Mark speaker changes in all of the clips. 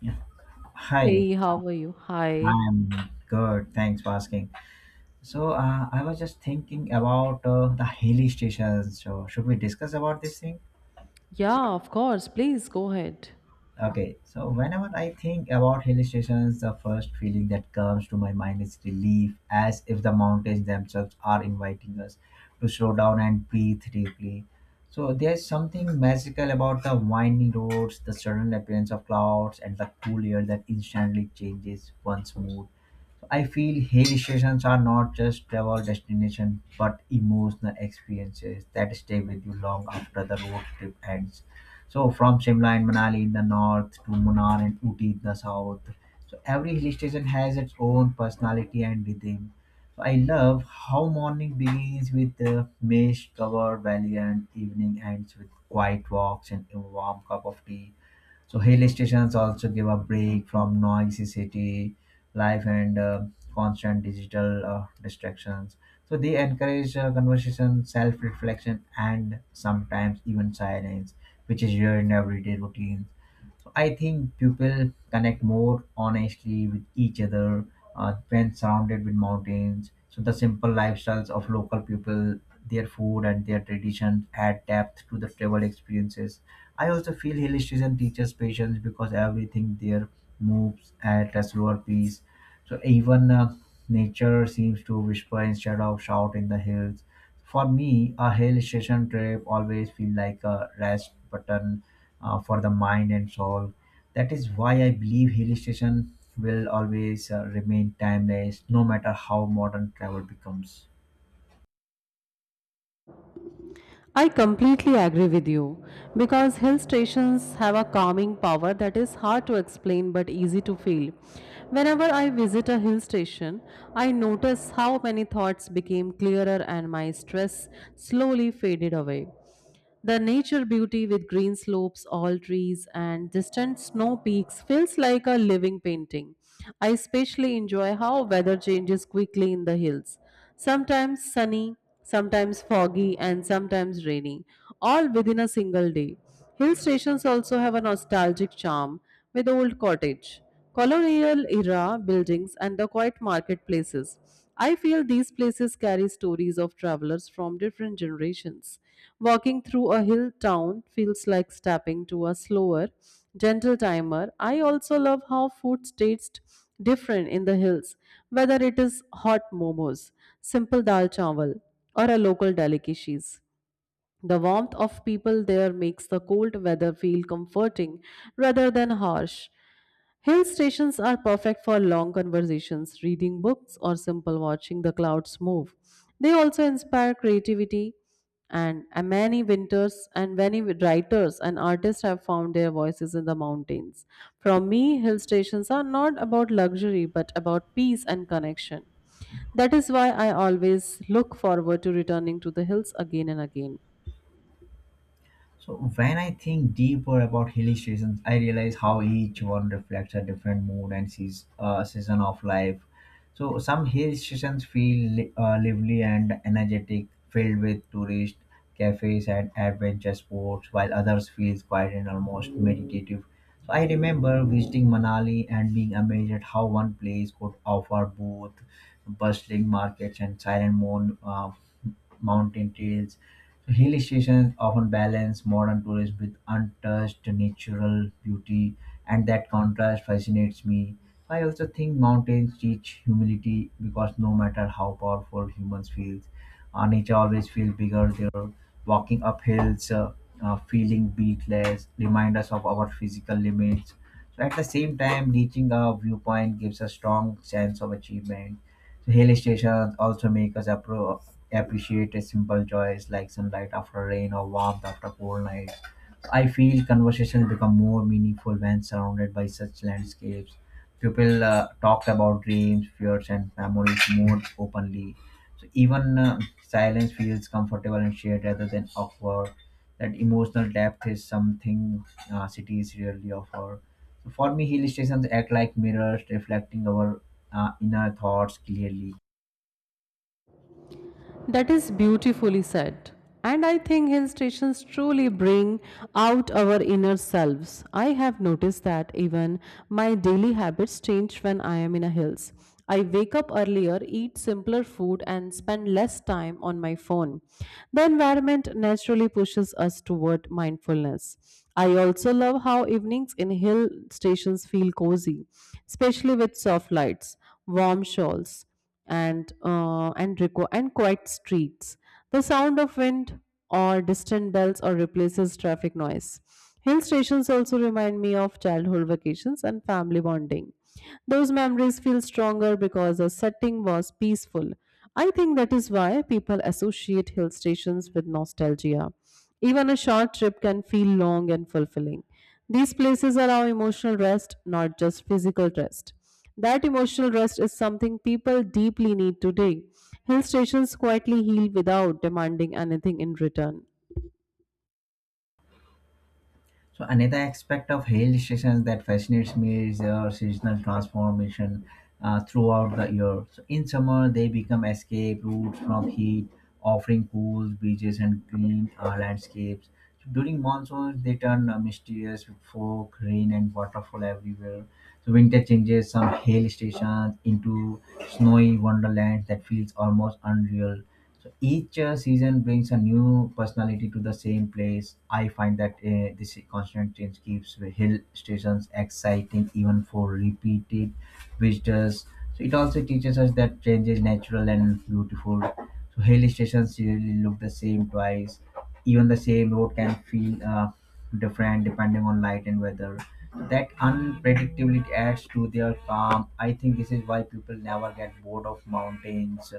Speaker 1: Yeah. Hi,
Speaker 2: Hey, how are you? Hi.
Speaker 1: I'm good. Thanks for asking. So I was just thinking about the hilly stations. So should we discuss about this thing?
Speaker 2: Yeah, of course. Please go ahead.
Speaker 1: Okay. So whenever I think about hilly stations, the first feeling that comes to my mind is relief, as if the mountains themselves are inviting us to slow down and breathe deeply. So there's something magical about the winding roads, the sudden appearance of clouds, and the cool air that instantly changes one's mood. I feel hill stations are not just travel destinations but emotional experiences that stay with you long after the road trip ends. So from Shimla and Manali in the north to Munnar and Uti in the south. So every hill station has its own personality and rhythm. So I love how morning begins with the mist covered valley and evening ends with quiet walks and a warm cup of tea. So hill stations also give a break from noisy city life and constant digital distractions. So they encourage conversation, self-reflection, and sometimes even silence, which is rare in everyday routines. So I think people connect more honestly with each other when surrounded with mountains. So the simple lifestyles of local people, their food and their traditions add depth to the travel experiences. I also feel hill station teaches patience because everything there moves at a slower pace. So even nature seems to whisper instead of shout in the hills. For me, a hill station trip always feels like a rest button for the mind and soul. That is why I believe hill station will always remain timeless, no matter how modern travel becomes.
Speaker 2: I completely agree with you because hill stations have a calming power that is hard to explain but easy to feel. Whenever I visit a hill station, I notice how many thoughts became clearer and my stress slowly faded away. The nature beauty with green slopes, all trees, and distant snow peaks feels like a living painting. I especially enjoy how weather changes quickly in the hills. Sometimes sunny, sometimes foggy, and sometimes rainy, all within a single day. Hill stations also have a nostalgic charm with old cottage, colonial era buildings, and the quiet marketplaces. I feel these places carry stories of travelers from different generations. Walking through a hill town feels like stepping to a slower, gentle timer. I also love how food tastes different in the hills, whether it is hot momos, simple dal chawal, or a local delicacies. The warmth of people there makes the cold weather feel comforting rather than harsh. Hill stations are perfect for long conversations, reading books, or simple watching the clouds move. They also inspire creativity, and many winters and many writers and artists have found their voices in the mountains. For me, hill stations are not about luxury but about peace and connection. That is why I always look forward to returning to the hills again and again.
Speaker 1: So when I think deeper about hill stations, I realize how each one reflects a different mood and sees season of life. So some hill stations feel lively and energetic, filled with tourists, cafes, and adventure sports, while others feel quiet and almost meditative. So I remember visiting Manali and being amazed at how one place could offer both bustling markets and silent mountain trails. So, hill stations often balance modern tourism with untouched natural beauty, and that contrast fascinates me. I also think mountains teach humility because no matter how powerful humans feel, nature always feels bigger there. Walking up hills, feeling beatless, remind us of our physical limits. So at the same time, reaching a viewpoint gives a strong sense of achievement. So, hill stations also make us appreciate a simple joys like sunlight after rain or warmth after cold nights. I feel conversations become more meaningful when surrounded by such landscapes. People talk about dreams, fears, and memories more openly. So even silence feels comfortable and shared rather than awkward. That emotional depth is something cities rarely offer. So for me, hill stations act like mirrors, reflecting our inner thoughts clearly.
Speaker 2: That is beautifully said. And I think hill stations truly bring out our inner selves. I have noticed that even my daily habits change when I am in a hills. I wake up earlier, eat simpler food, and spend less time on my phone. The environment naturally pushes us toward mindfulness. I also love how evenings in hill stations feel cozy, especially with soft lights, warm shawls and quiet streets. The sound of wind or distant bells or replaces traffic noise. Hill stations also remind me of childhood vacations and family bonding. Those memories feel stronger because the setting was peaceful. I think that is why people associate hill stations with nostalgia. Even a short trip can feel long and fulfilling. These places allow emotional rest, not just physical rest. That emotional rest is something people deeply need today. Hill stations quietly heal without demanding anything in return.
Speaker 1: So another aspect of hill stations that fascinates me is their seasonal transformation throughout the year. So in summer, they become escape routes from heat, offering pools, beaches, and green landscapes. So, during monsoons, they turn mysterious with fog, rain, and waterfall everywhere. So winter changes some hill stations into snowy wonderlands that feels almost unreal. So each season brings a new personality to the same place. I find that this constant change keeps the hill stations exciting even for repeated visitors. So it also teaches us that change is natural and beautiful. So hill stations really look the same twice. Even the same road can feel different depending on light and weather. That unpredictability adds to their calm. I think this is why people never get bored of mountains.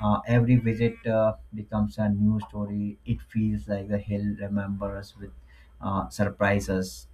Speaker 1: Every visit becomes a new story. It feels like the hill remembers with surprises.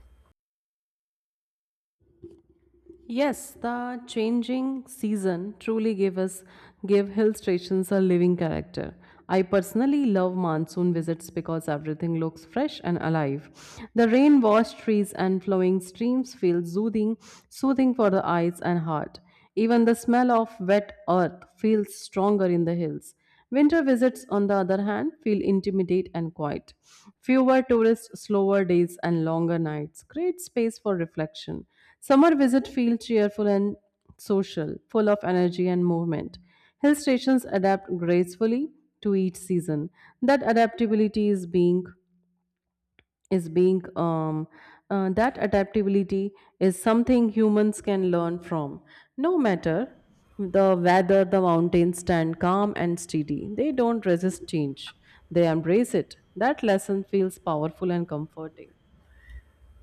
Speaker 2: Yes, the changing season truly gave hill stations a living character. I personally love monsoon visits because everything looks fresh and alive. The rain-washed trees and flowing streams feel soothing for the eyes and heart. Even the smell of wet earth feels stronger in the hills. Winter visits, on the other hand, feel intimate and quiet. Fewer tourists, slower days, and longer nights create space for reflection. Summer visits feel cheerful and social, full of energy and movement. Hill stations adapt gracefully to each season. That adaptability is being that adaptability is something humans can learn from. No matter the weather, the mountains stand calm and steady. They don't resist change, they embrace it. That lesson feels powerful and comforting.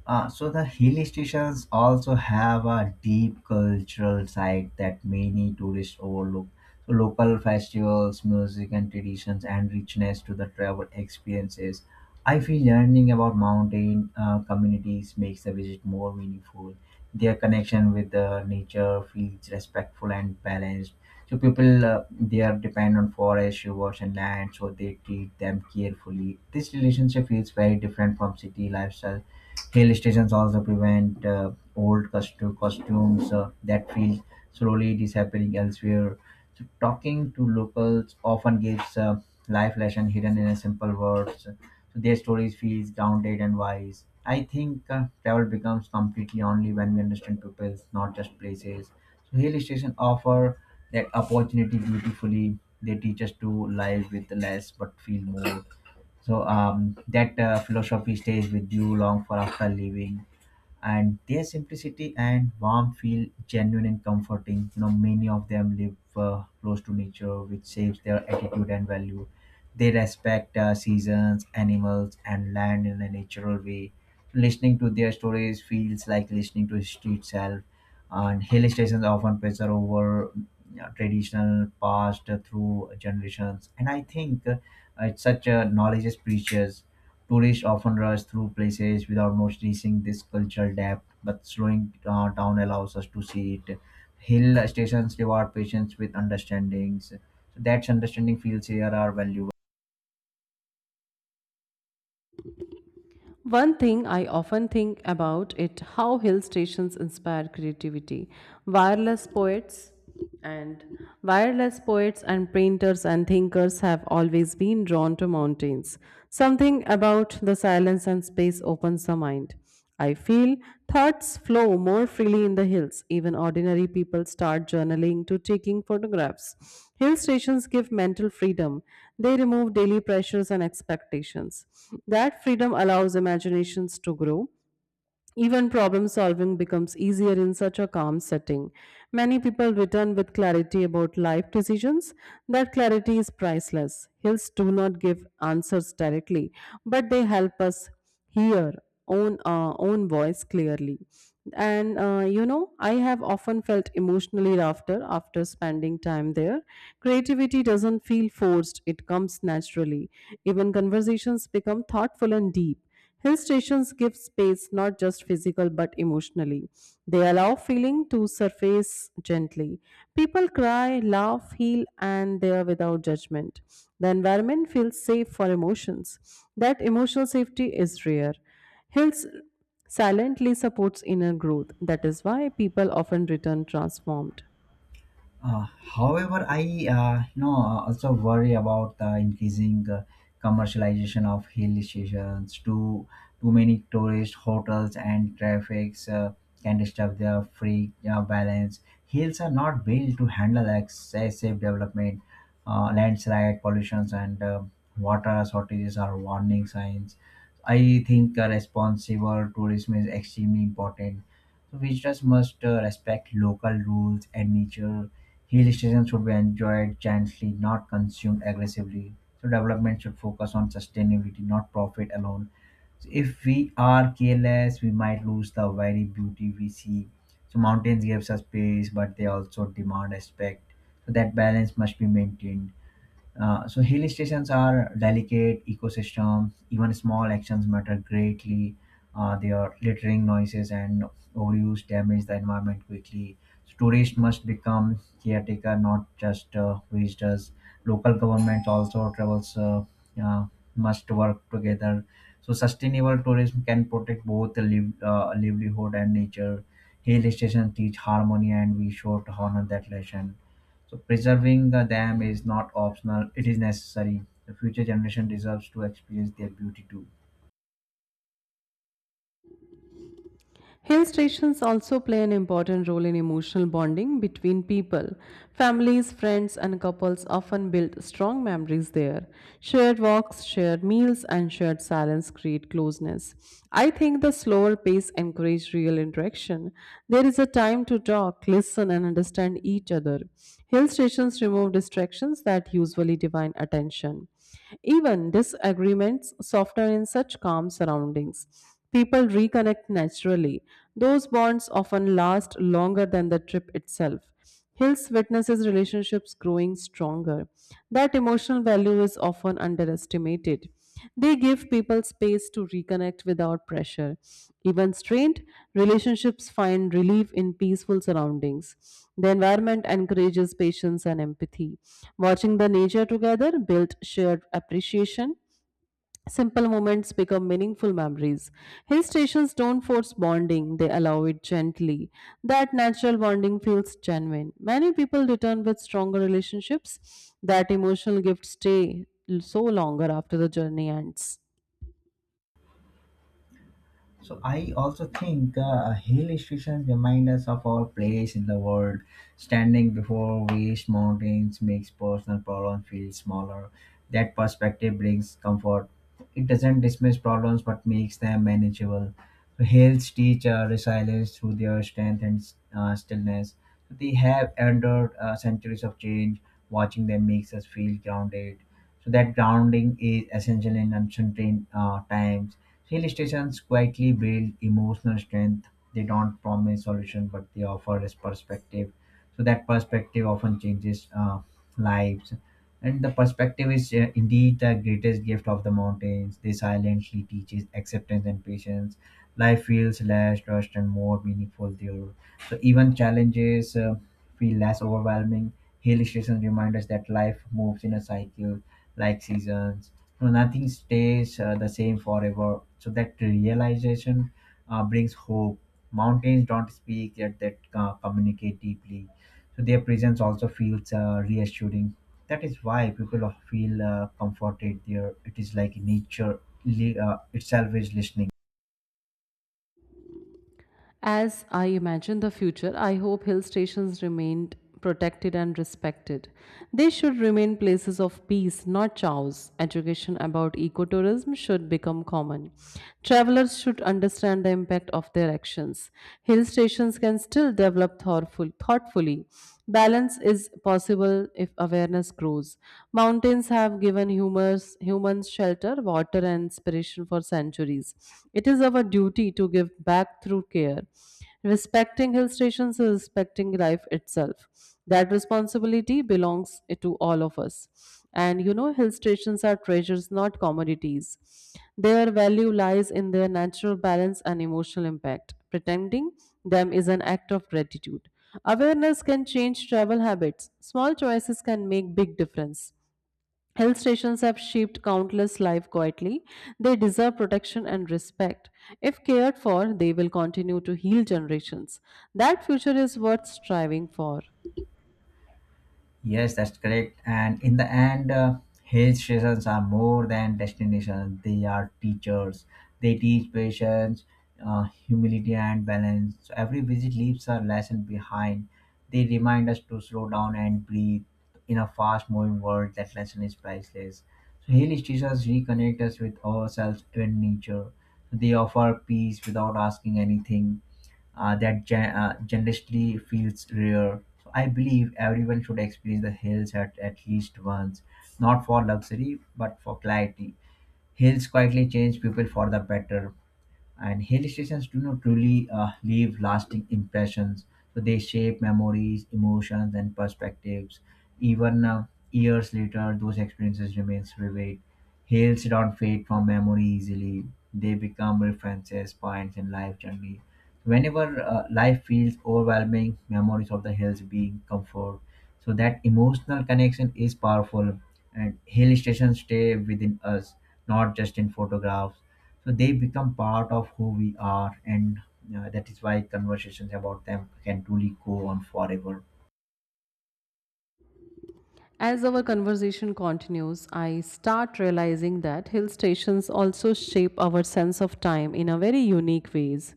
Speaker 1: So the hill stations also have a deep cultural side that many tourists overlook. So local festivals, music and traditions and richness to the travel experiences. I feel learning about mountain communities makes the visit more meaningful. Their connection with the nature feels respectful and balanced. So people they are dependent on forest, rivers and land, so they treat them carefully. This relationship feels very different from city lifestyle. Hill stations also prevent costumes that feel slowly disappearing elsewhere. So talking to locals often gives life lesson hidden in a simple words. So their stories feels grounded and wise. I think travel becomes completely only when we understand peoples, not just places. So hill station offer that opportunity beautifully. They teach us to live with less but feel more. So that philosophy stays with you long for after leaving, and their simplicity and warmth feel genuine and comforting. You know, many of them live close to nature, which shapes their attitude and value. They respect seasons, animals and land in a natural way. Listening to their stories feels like listening to history itself, and hill stations often preserve over you traditional past through generations. And I think it's such a knowledge is precious. Tourists often rush through places without noticing this cultural depth, but slowing down allows us to see it. Hill stations reward patience with understandings. So that's understanding feels here are valued.
Speaker 2: One thing I often think about it how hill stations inspire creativity. Wireless poets and Wireless poets and painters and thinkers have always been drawn to mountains. Something about the silence and space opens the mind. I feel thoughts flow more freely in the hills. Even ordinary people start journaling to taking photographs. Hill stations give mental freedom. They remove daily pressures and expectations. That freedom allows imaginations to grow. Even problem solving becomes easier in such a calm setting. Many people return with clarity about life decisions. That clarity is priceless. Hills do not give answers directly, but they help us hear own voice clearly. And I have often felt emotionally after spending time there. Creativity doesn't feel forced; it comes naturally. Even conversations become thoughtful and deep. Hill stations give space not just physical but emotionally. They allow feeling to surface gently. People cry, laugh, heal, and they are without judgment. The environment feels safe for emotions. That emotional safety is rare. Hills silently supports inner growth. That is why people often return transformed.
Speaker 1: However, I also worry about the increasing commercialization of hill stations. Too many tourist hotels and traffics can disturb their free balance. Hills are not built to handle excessive development, landslide, pollutions, and water shortages are warning signs. I think responsible tourism is extremely important. So visitors must respect local rules and nature. Hill stations should be enjoyed gently, not consumed aggressively. So development should focus on sustainability, not profit alone. So if we are careless, we might lose the very beauty we see. So mountains gives us space, but they also demand respect. So that balance must be maintained. So hill stations are delicate ecosystem. Even small actions matter greatly. Their littering noises and overuse damage the environment quickly. So tourists must become caretaker, not just visitors. Local governments also travels uh, must work together. So sustainable tourism can protect both the livelihood and nature. Hill stations teach harmony, and we should honor that lesson. So preserving the dam is not optional; it is necessary. The future generation deserves to experience their beauty too.
Speaker 2: Hill stations also play an important role in emotional bonding between people. Families, friends, and couples often build strong memories there. Shared walks, shared meals, and shared silence create closeness. I think the slower pace encourages real interaction. There is a time to talk, listen, and understand each other. Hill stations remove distractions that usually divine attention. Even disagreements soften in such calm surroundings. People reconnect naturally. Those bonds often last longer than the trip itself. Hills witnesses relationships growing stronger. That emotional value is often underestimated. They give people space to reconnect without pressure. Even strained, relationships find relief in peaceful surroundings. The environment encourages patience and empathy. Watching the nature together builds shared appreciation. Simple moments become meaningful memories. Hill stations don't force bonding, they allow it gently. That natural bonding feels genuine. Many people return with stronger relationships. That emotional gifts stay so longer after the journey ends.
Speaker 1: So I also think hill stations remind us of our place in the world. Standing before vast mountains makes personal problems feel smaller. That perspective brings comfort. It doesn't dismiss problems but makes them manageable. So hills teach resilience through their strength and stillness. So they have endured centuries of change. Watching them makes us feel grounded. So that grounding is essential in uncertain times. Hill stations quietly build emotional strength. They don't promise solution, but they offer us perspective. So that perspective often changes lives. And the perspective is indeed the greatest gift of the mountains. They silently teaches acceptance and patience. Life feels less rushed and more meaningful there. So even challenges feel less overwhelming. Hill stations remind us that life moves in a cycle like seasons. You know, nothing stays the same forever. So that realization brings hope. Mountains don't speak, yet they communicate deeply. So their presence also feels reassuring. That is why people feel comforted there. It is like nature itself is listening.
Speaker 2: As I imagine the future, I hope hill stations remained protected and respected. They should remain places of peace, not chows. Education about ecotourism should become common. Travelers should understand the impact of their actions. Hill stations can still develop thoughtfully. Balance is possible if awareness grows. Mountains have given humans shelter, water, and inspiration generation for centuries. It is our duty to give back through care. Respecting hill stations is respecting life itself. That responsibility belongs to all of us. And you know, hill stations are treasures, not commodities. Their value lies in their natural balance and emotional impact. Pretending them is an act of gratitude. Awareness can change travel habits. Small choices can make big difference. Hill stations have shaped countless lives quietly. They deserve protection and respect. If cared for, they will continue to heal generations. That future is worth striving for.
Speaker 1: Yes, that's correct. And in the end, hill stations are more than destinations. They are teachers. They teach patience, humility, and balance. So every visit leaves a lesson behind. They remind us to slow down and breathe. In a fast-moving world, that lesson is priceless. So hill stations reconnect us with ourselves and nature. They offer peace without asking anything, that generously feels rare. So I believe everyone should experience the hills at least once, not for luxury but for clarity. Hills quietly change people for the better, and hill stations do not truly leave lasting impressions. So they shape memories, emotions and perspectives. Even years later, those experiences remain vivid. Hills don't fade from memory easily. They become references points in life journey. Whenever life feels overwhelming, memories of the hills being comfort. So that emotional connection is powerful, and hill stations stay within us, not just in photographs. So they become part of who we are, and that is why conversations about them can truly go on forever.
Speaker 2: As our conversation continues, I start realizing that hill stations also shape our sense of time in a very unique ways.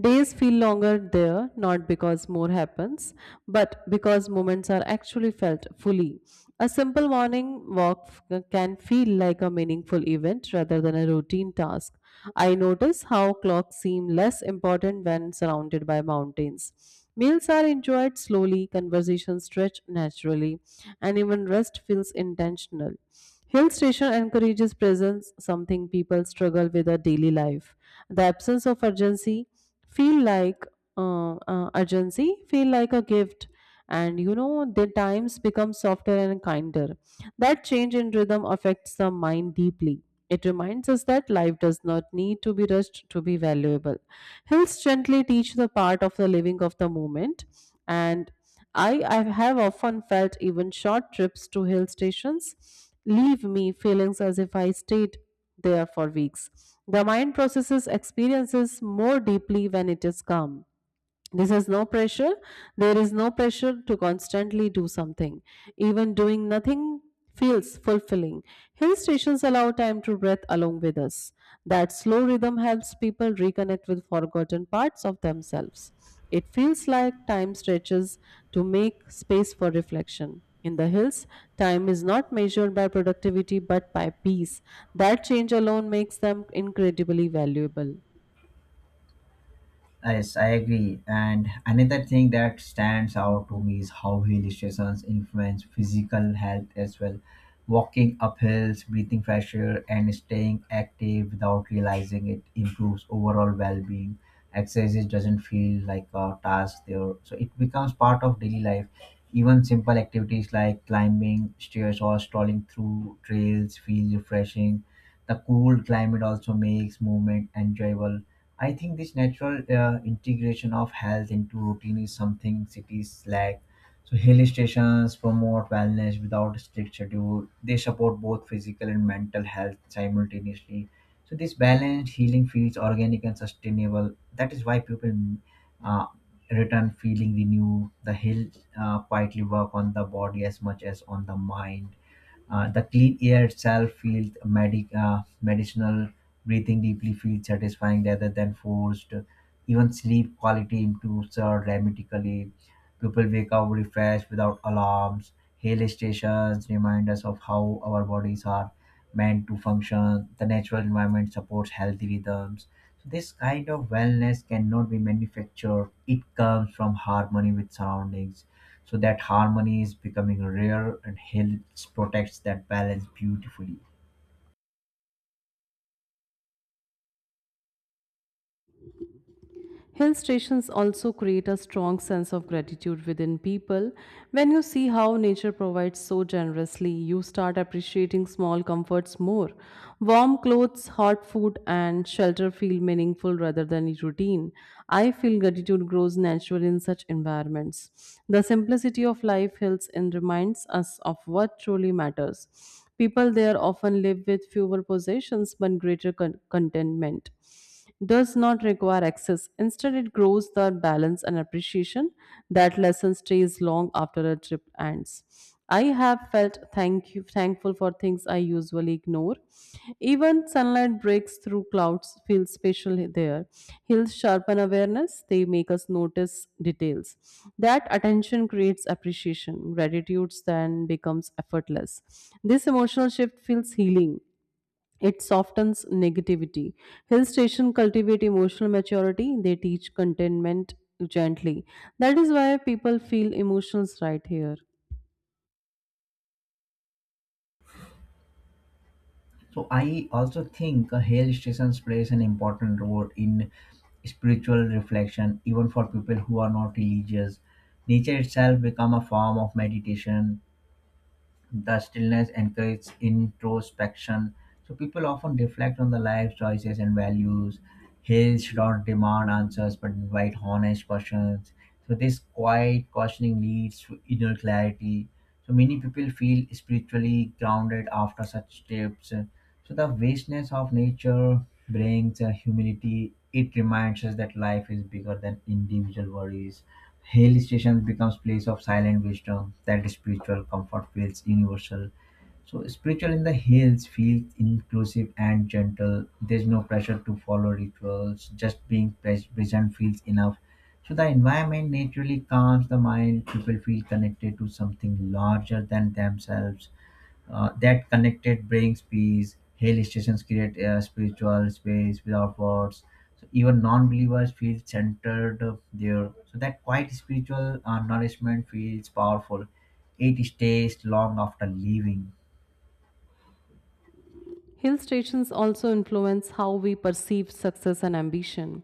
Speaker 2: Days feel longer there not because more happens, but because moments are actually felt fully. A simple morning walk can feel like a meaningful event rather than a routine task. I notice how clocks seem less important when surrounded by mountains. Meals are enjoyed slowly, conversations stretch naturally, and even rest feels intentional. Hill station encourages presence, something people struggle with a daily life. The absence of feel like urgency feel like a gift. And you know, their times become softer and kinder. That change in rhythm affects the mind deeply. It reminds us that life does not need to be rushed to be valuable. Hills gently teach the part of the living of the moment. And I have often felt even short trips to hill stations leave me feelings as if I stayed there for weeks. The mind processes experiences more deeply when it is calm. This has no pressure There is no pressure to constantly do something. Even doing nothing feels fulfilling. Hill stations allow time to breathe along with us. That slow rhythm helps people reconnect with forgotten parts of themselves. It feels like time stretches to make space for reflection. In the hills, time is not measured by productivity but by peace. That change alone makes them incredibly valuable.
Speaker 1: Yes, I agree. And another thing that stands out to me is how hill stations influence physical health as well. Walking up hills, breathing fresh air, and staying active without realizing it improves overall well being. Exercise doesn't feel like a task there, so it becomes part of daily life. Even simple activities like climbing stairs or strolling through trails feel refreshing. The cool climate also makes movement enjoyable. I think this natural integration of health into routine is something cities lack. So hill stations promote wellness without strict schedule. They support both physical and mental health simultaneously. So this balanced healing feels organic and sustainable. That is why people uh, return feeling renewed. The hill quietly work on the body as much as on the mind. The clean air itself feels medicinal, breathing deeply feels satisfying rather than forced. Even sleep quality improves dramatically. People wake up refreshed without alarms. Hill stations remind us of how our bodies are meant to function. The natural environment supports healthy rhythms. So this kind of wellness cannot be manufactured. It comes from harmony with surroundings, so that harmony is becoming rare and helps protects that balance beautifully.
Speaker 2: Hill stations also create a strong sense of gratitude within people. When you see how nature provides so generously, you start appreciating small comforts more. Warm clothes, hot food, and shelter feel meaningful rather than routine. I feel gratitude grows naturally in such environments. The simplicity of life hills and reminds us of what truly matters. People there often live with fewer possessions but greater contentment does not require access. Instead, it grows the balance and appreciation. That lesson stays long after a trip ends. I have felt thankful for things I usually ignore. Even sunlight breaks through clouds feels special there. Hills sharpen awareness, they make us notice details. That attention creates appreciation. Gratitude then becomes effortless. This emotional shift feels healing. It softens negativity. Hill stations cultivate emotional maturity, they teach contentment gently. That is why people feel emotions right here.
Speaker 1: So I also think hill stations plays an important role in spiritual reflection even for people who are not religious. Nature itself become a form of meditation. The stillness encourages introspection. So people often reflect on the life choices and values. Hills should not demand answers but invite honest questions. So this quiet questioning leads to inner clarity. So many people feel spiritually grounded after such trips. So the vastness of nature brings a humility. It reminds us that life is bigger than individual worries. Hill stations becomes place of silent wisdom, that spiritual comfort feels universal. So spiritual in the hills feels inclusive and gentle. There's no pressure to follow rituals. Just being present feels enough. So the environment naturally calms the mind. People feel connected to something larger than themselves. That connected brings peace. Hill stations create a spiritual space without words. So even non-believers feel centered there. So that quiet spiritual nourishment feels powerful. It stays long after leaving.
Speaker 2: Hill stations also influence how we perceive success and ambition.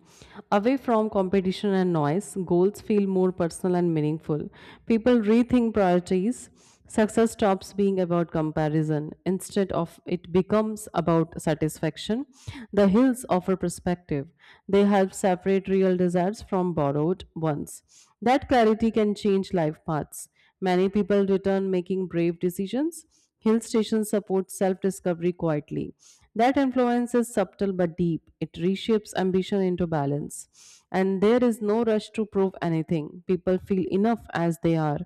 Speaker 2: Away from competition and noise, goals feel more personal and meaningful. People rethink priorities. Success stops being about comparison. Instead of it becomes about satisfaction. The hills offer perspective. They help separate real desires from borrowed ones. That clarity can change life paths. Many people return making brave decisions. Hill stations support self discovery quietly. That influence is subtle but deep. It reshapes ambition into balance. And there is no rush to prove anything. People feel enough as they are.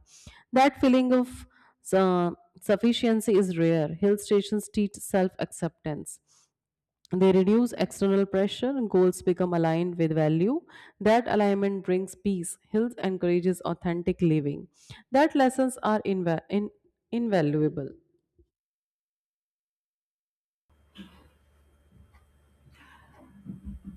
Speaker 2: That feeling of uh, sufficiency is rare. Hill stations teach self acceptance. They reduce external pressure, goals become aligned with value. That alignment brings peace. Hills encourages authentic living. That lessons are invaluable.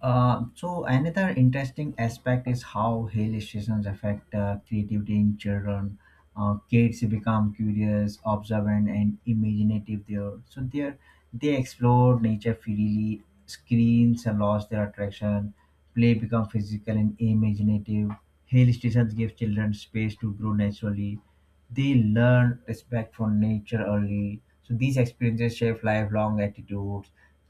Speaker 1: So another interesting aspect is how hill stations affect creativity in children. Kids become curious, observant, and imaginative there. So there, they explore nature freely. Screens lost their attraction. Play become physical and imaginative. Hill stations give children space to grow naturally. They learn respect for nature early. So these experiences shape lifelong attitudes.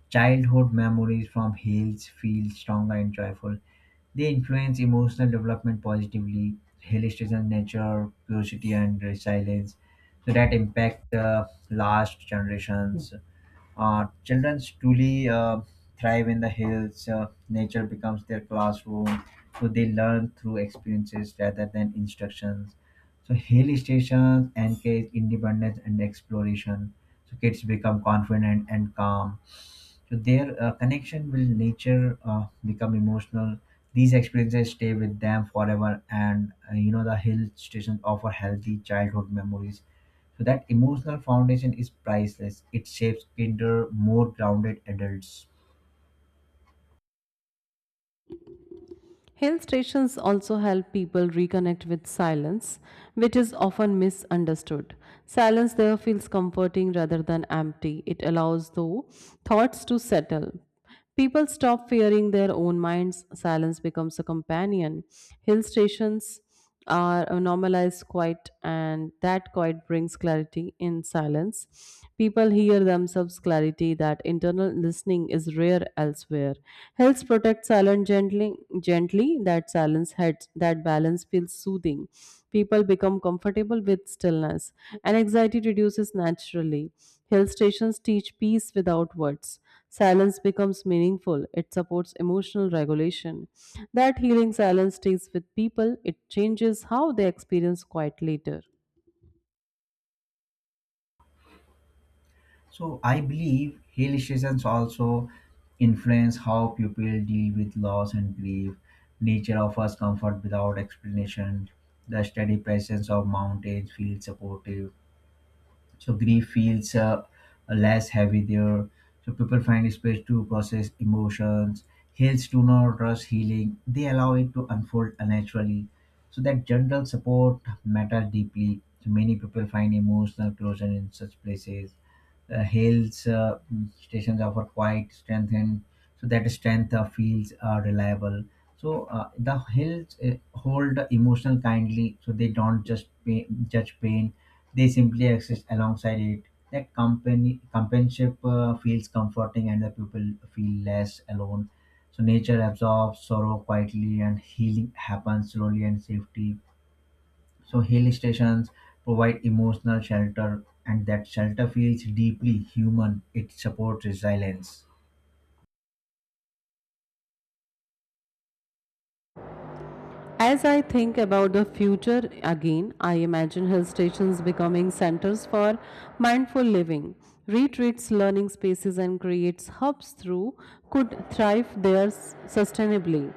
Speaker 1: Childhood memories from hills feel stronger and joyful. They influence emotional development positively. Hill Station nature, curiosity, and resilience. So that impact the last generations. Children truly thrive in the hills. Nature becomes their classroom. So they learn through experiences rather than instructions. So hill stations encourage independence and exploration. So kids become confident and calm, so their connection with nature become emotional. These experiences stay with them forever, and the hill stations offer healthy childhood memories, so that emotional foundation is priceless. It shapes kinder, more grounded adults.
Speaker 2: Hill stations also help people reconnect with silence, which is often misunderstood. Silence there feels comforting rather than empty. It allows, though, thoughts to settle. People stop fearing their own minds. Silence becomes a companion. Hill stations are a normalized quiet, and that quiet brings clarity. In silence, people hear themselves clarity. That internal listening is rare elsewhere. Helps protect silence gently. That silence heads that balance feels soothing. People become comfortable with stillness and anxiety reduces naturally. Hill stations teach peace without words. Silence becomes meaningful, it supports emotional regulation. That healing silence stays with people, it changes how they experience quiet later.
Speaker 1: So I believe hill stations also influence how people deal with loss and grief. Nature offers comfort without explanation. The steady presence of mountains feels supportive. So grief feels less heavy there. So people find space to process emotions. Heals do not rush healing, they allow it to unfold naturally. So that general support matters deeply, so many people find emotional closure in such places. Hills stations offer quite strength. And so that strength feels reliable. So the hills hold emotional kindly, so they don't just judge pain, they simply exist alongside it. That company companionship feels comforting, and the people feel less alone. So nature absorbs sorrow quietly, and healing happens slowly and safely. So hill stations provide emotional shelter, and that shelter feels deeply human. It supports resilience.
Speaker 2: As I think about the future again, I imagine hill stations becoming centers for mindful living, retreats, learning spaces, and creates hubs through could thrive there sustainably.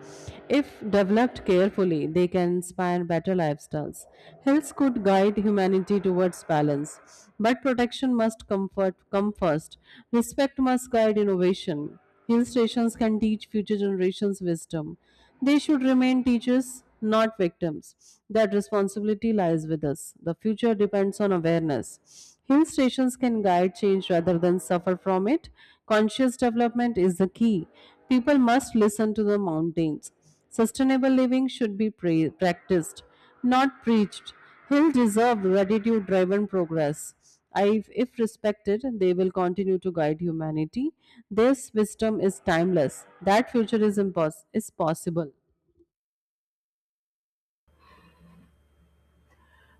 Speaker 2: If developed carefully, they can inspire better lifestyles. Hills could guide humanity towards balance, but protection must comfort come first. Respect must guide innovation. Hill stations can teach future generations wisdom. They should remain teachers, not victims. That responsibility lies with us. The future depends on awareness. Hill stations can guide change rather than suffer from it. Conscious development is the key. People must listen to the mountains. Sustainable living should be practiced, not preached. He'll deserve gratitude driven progress. I, if respected, they will continue to guide humanity. This wisdom is timeless. That future is possible.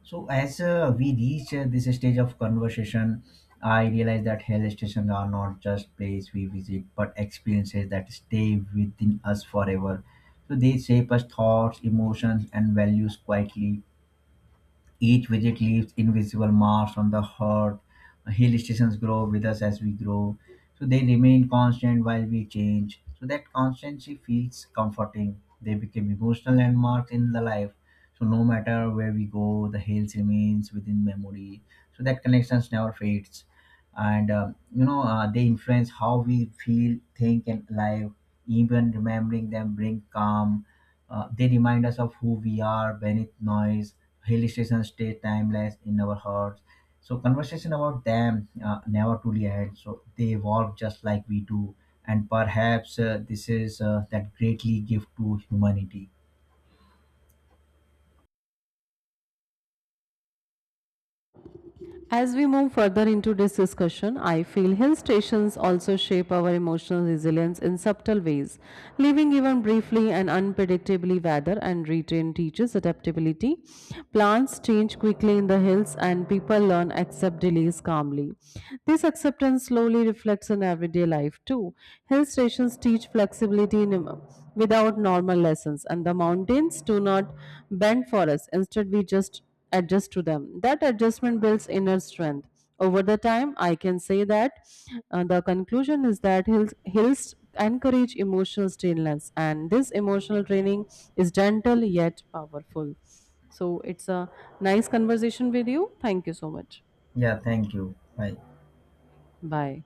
Speaker 1: So as we reach this stage of conversation, I realize that hill stations are not just place we visit, but experiences that stay within us forever. So they shape us thoughts, emotions, and values quietly. Each visit leaves invisible marks on the heart. Hill stations grow with us as we grow. So they remain constant while we change. So that constancy feels comforting. They become emotional landmarks in the life. So no matter where we go, the hills remains within memory. So that connections never fades. And they influence how we feel, think, and live. Even remembering them bring calm. They remind us of who we are beneath noise. Hill stations stay timeless in our hearts. So conversation about them never truly end. So they evolve just like we do, and perhaps this is that greatly gift to humanity.
Speaker 2: As we move further into this discussion, I feel hill stations also shape our emotional resilience in subtle ways. Living even briefly and unpredictably weather and retrain teaches adaptability. Plants change quickly in the hills and people learn accept delays calmly. This acceptance slowly reflects in everyday life too. Hill stations teach flexibility in, without normal lessons and the mountains do not bend for us. Instead we just adjust to them. That adjustment builds inner strength. Over the time, I can say that the conclusion is that hills encourage emotional stillness, and this emotional training is gentle yet powerful. So, it's a nice conversation with you. Thank you so much.
Speaker 1: Yeah, thank you. Bye.
Speaker 2: Bye.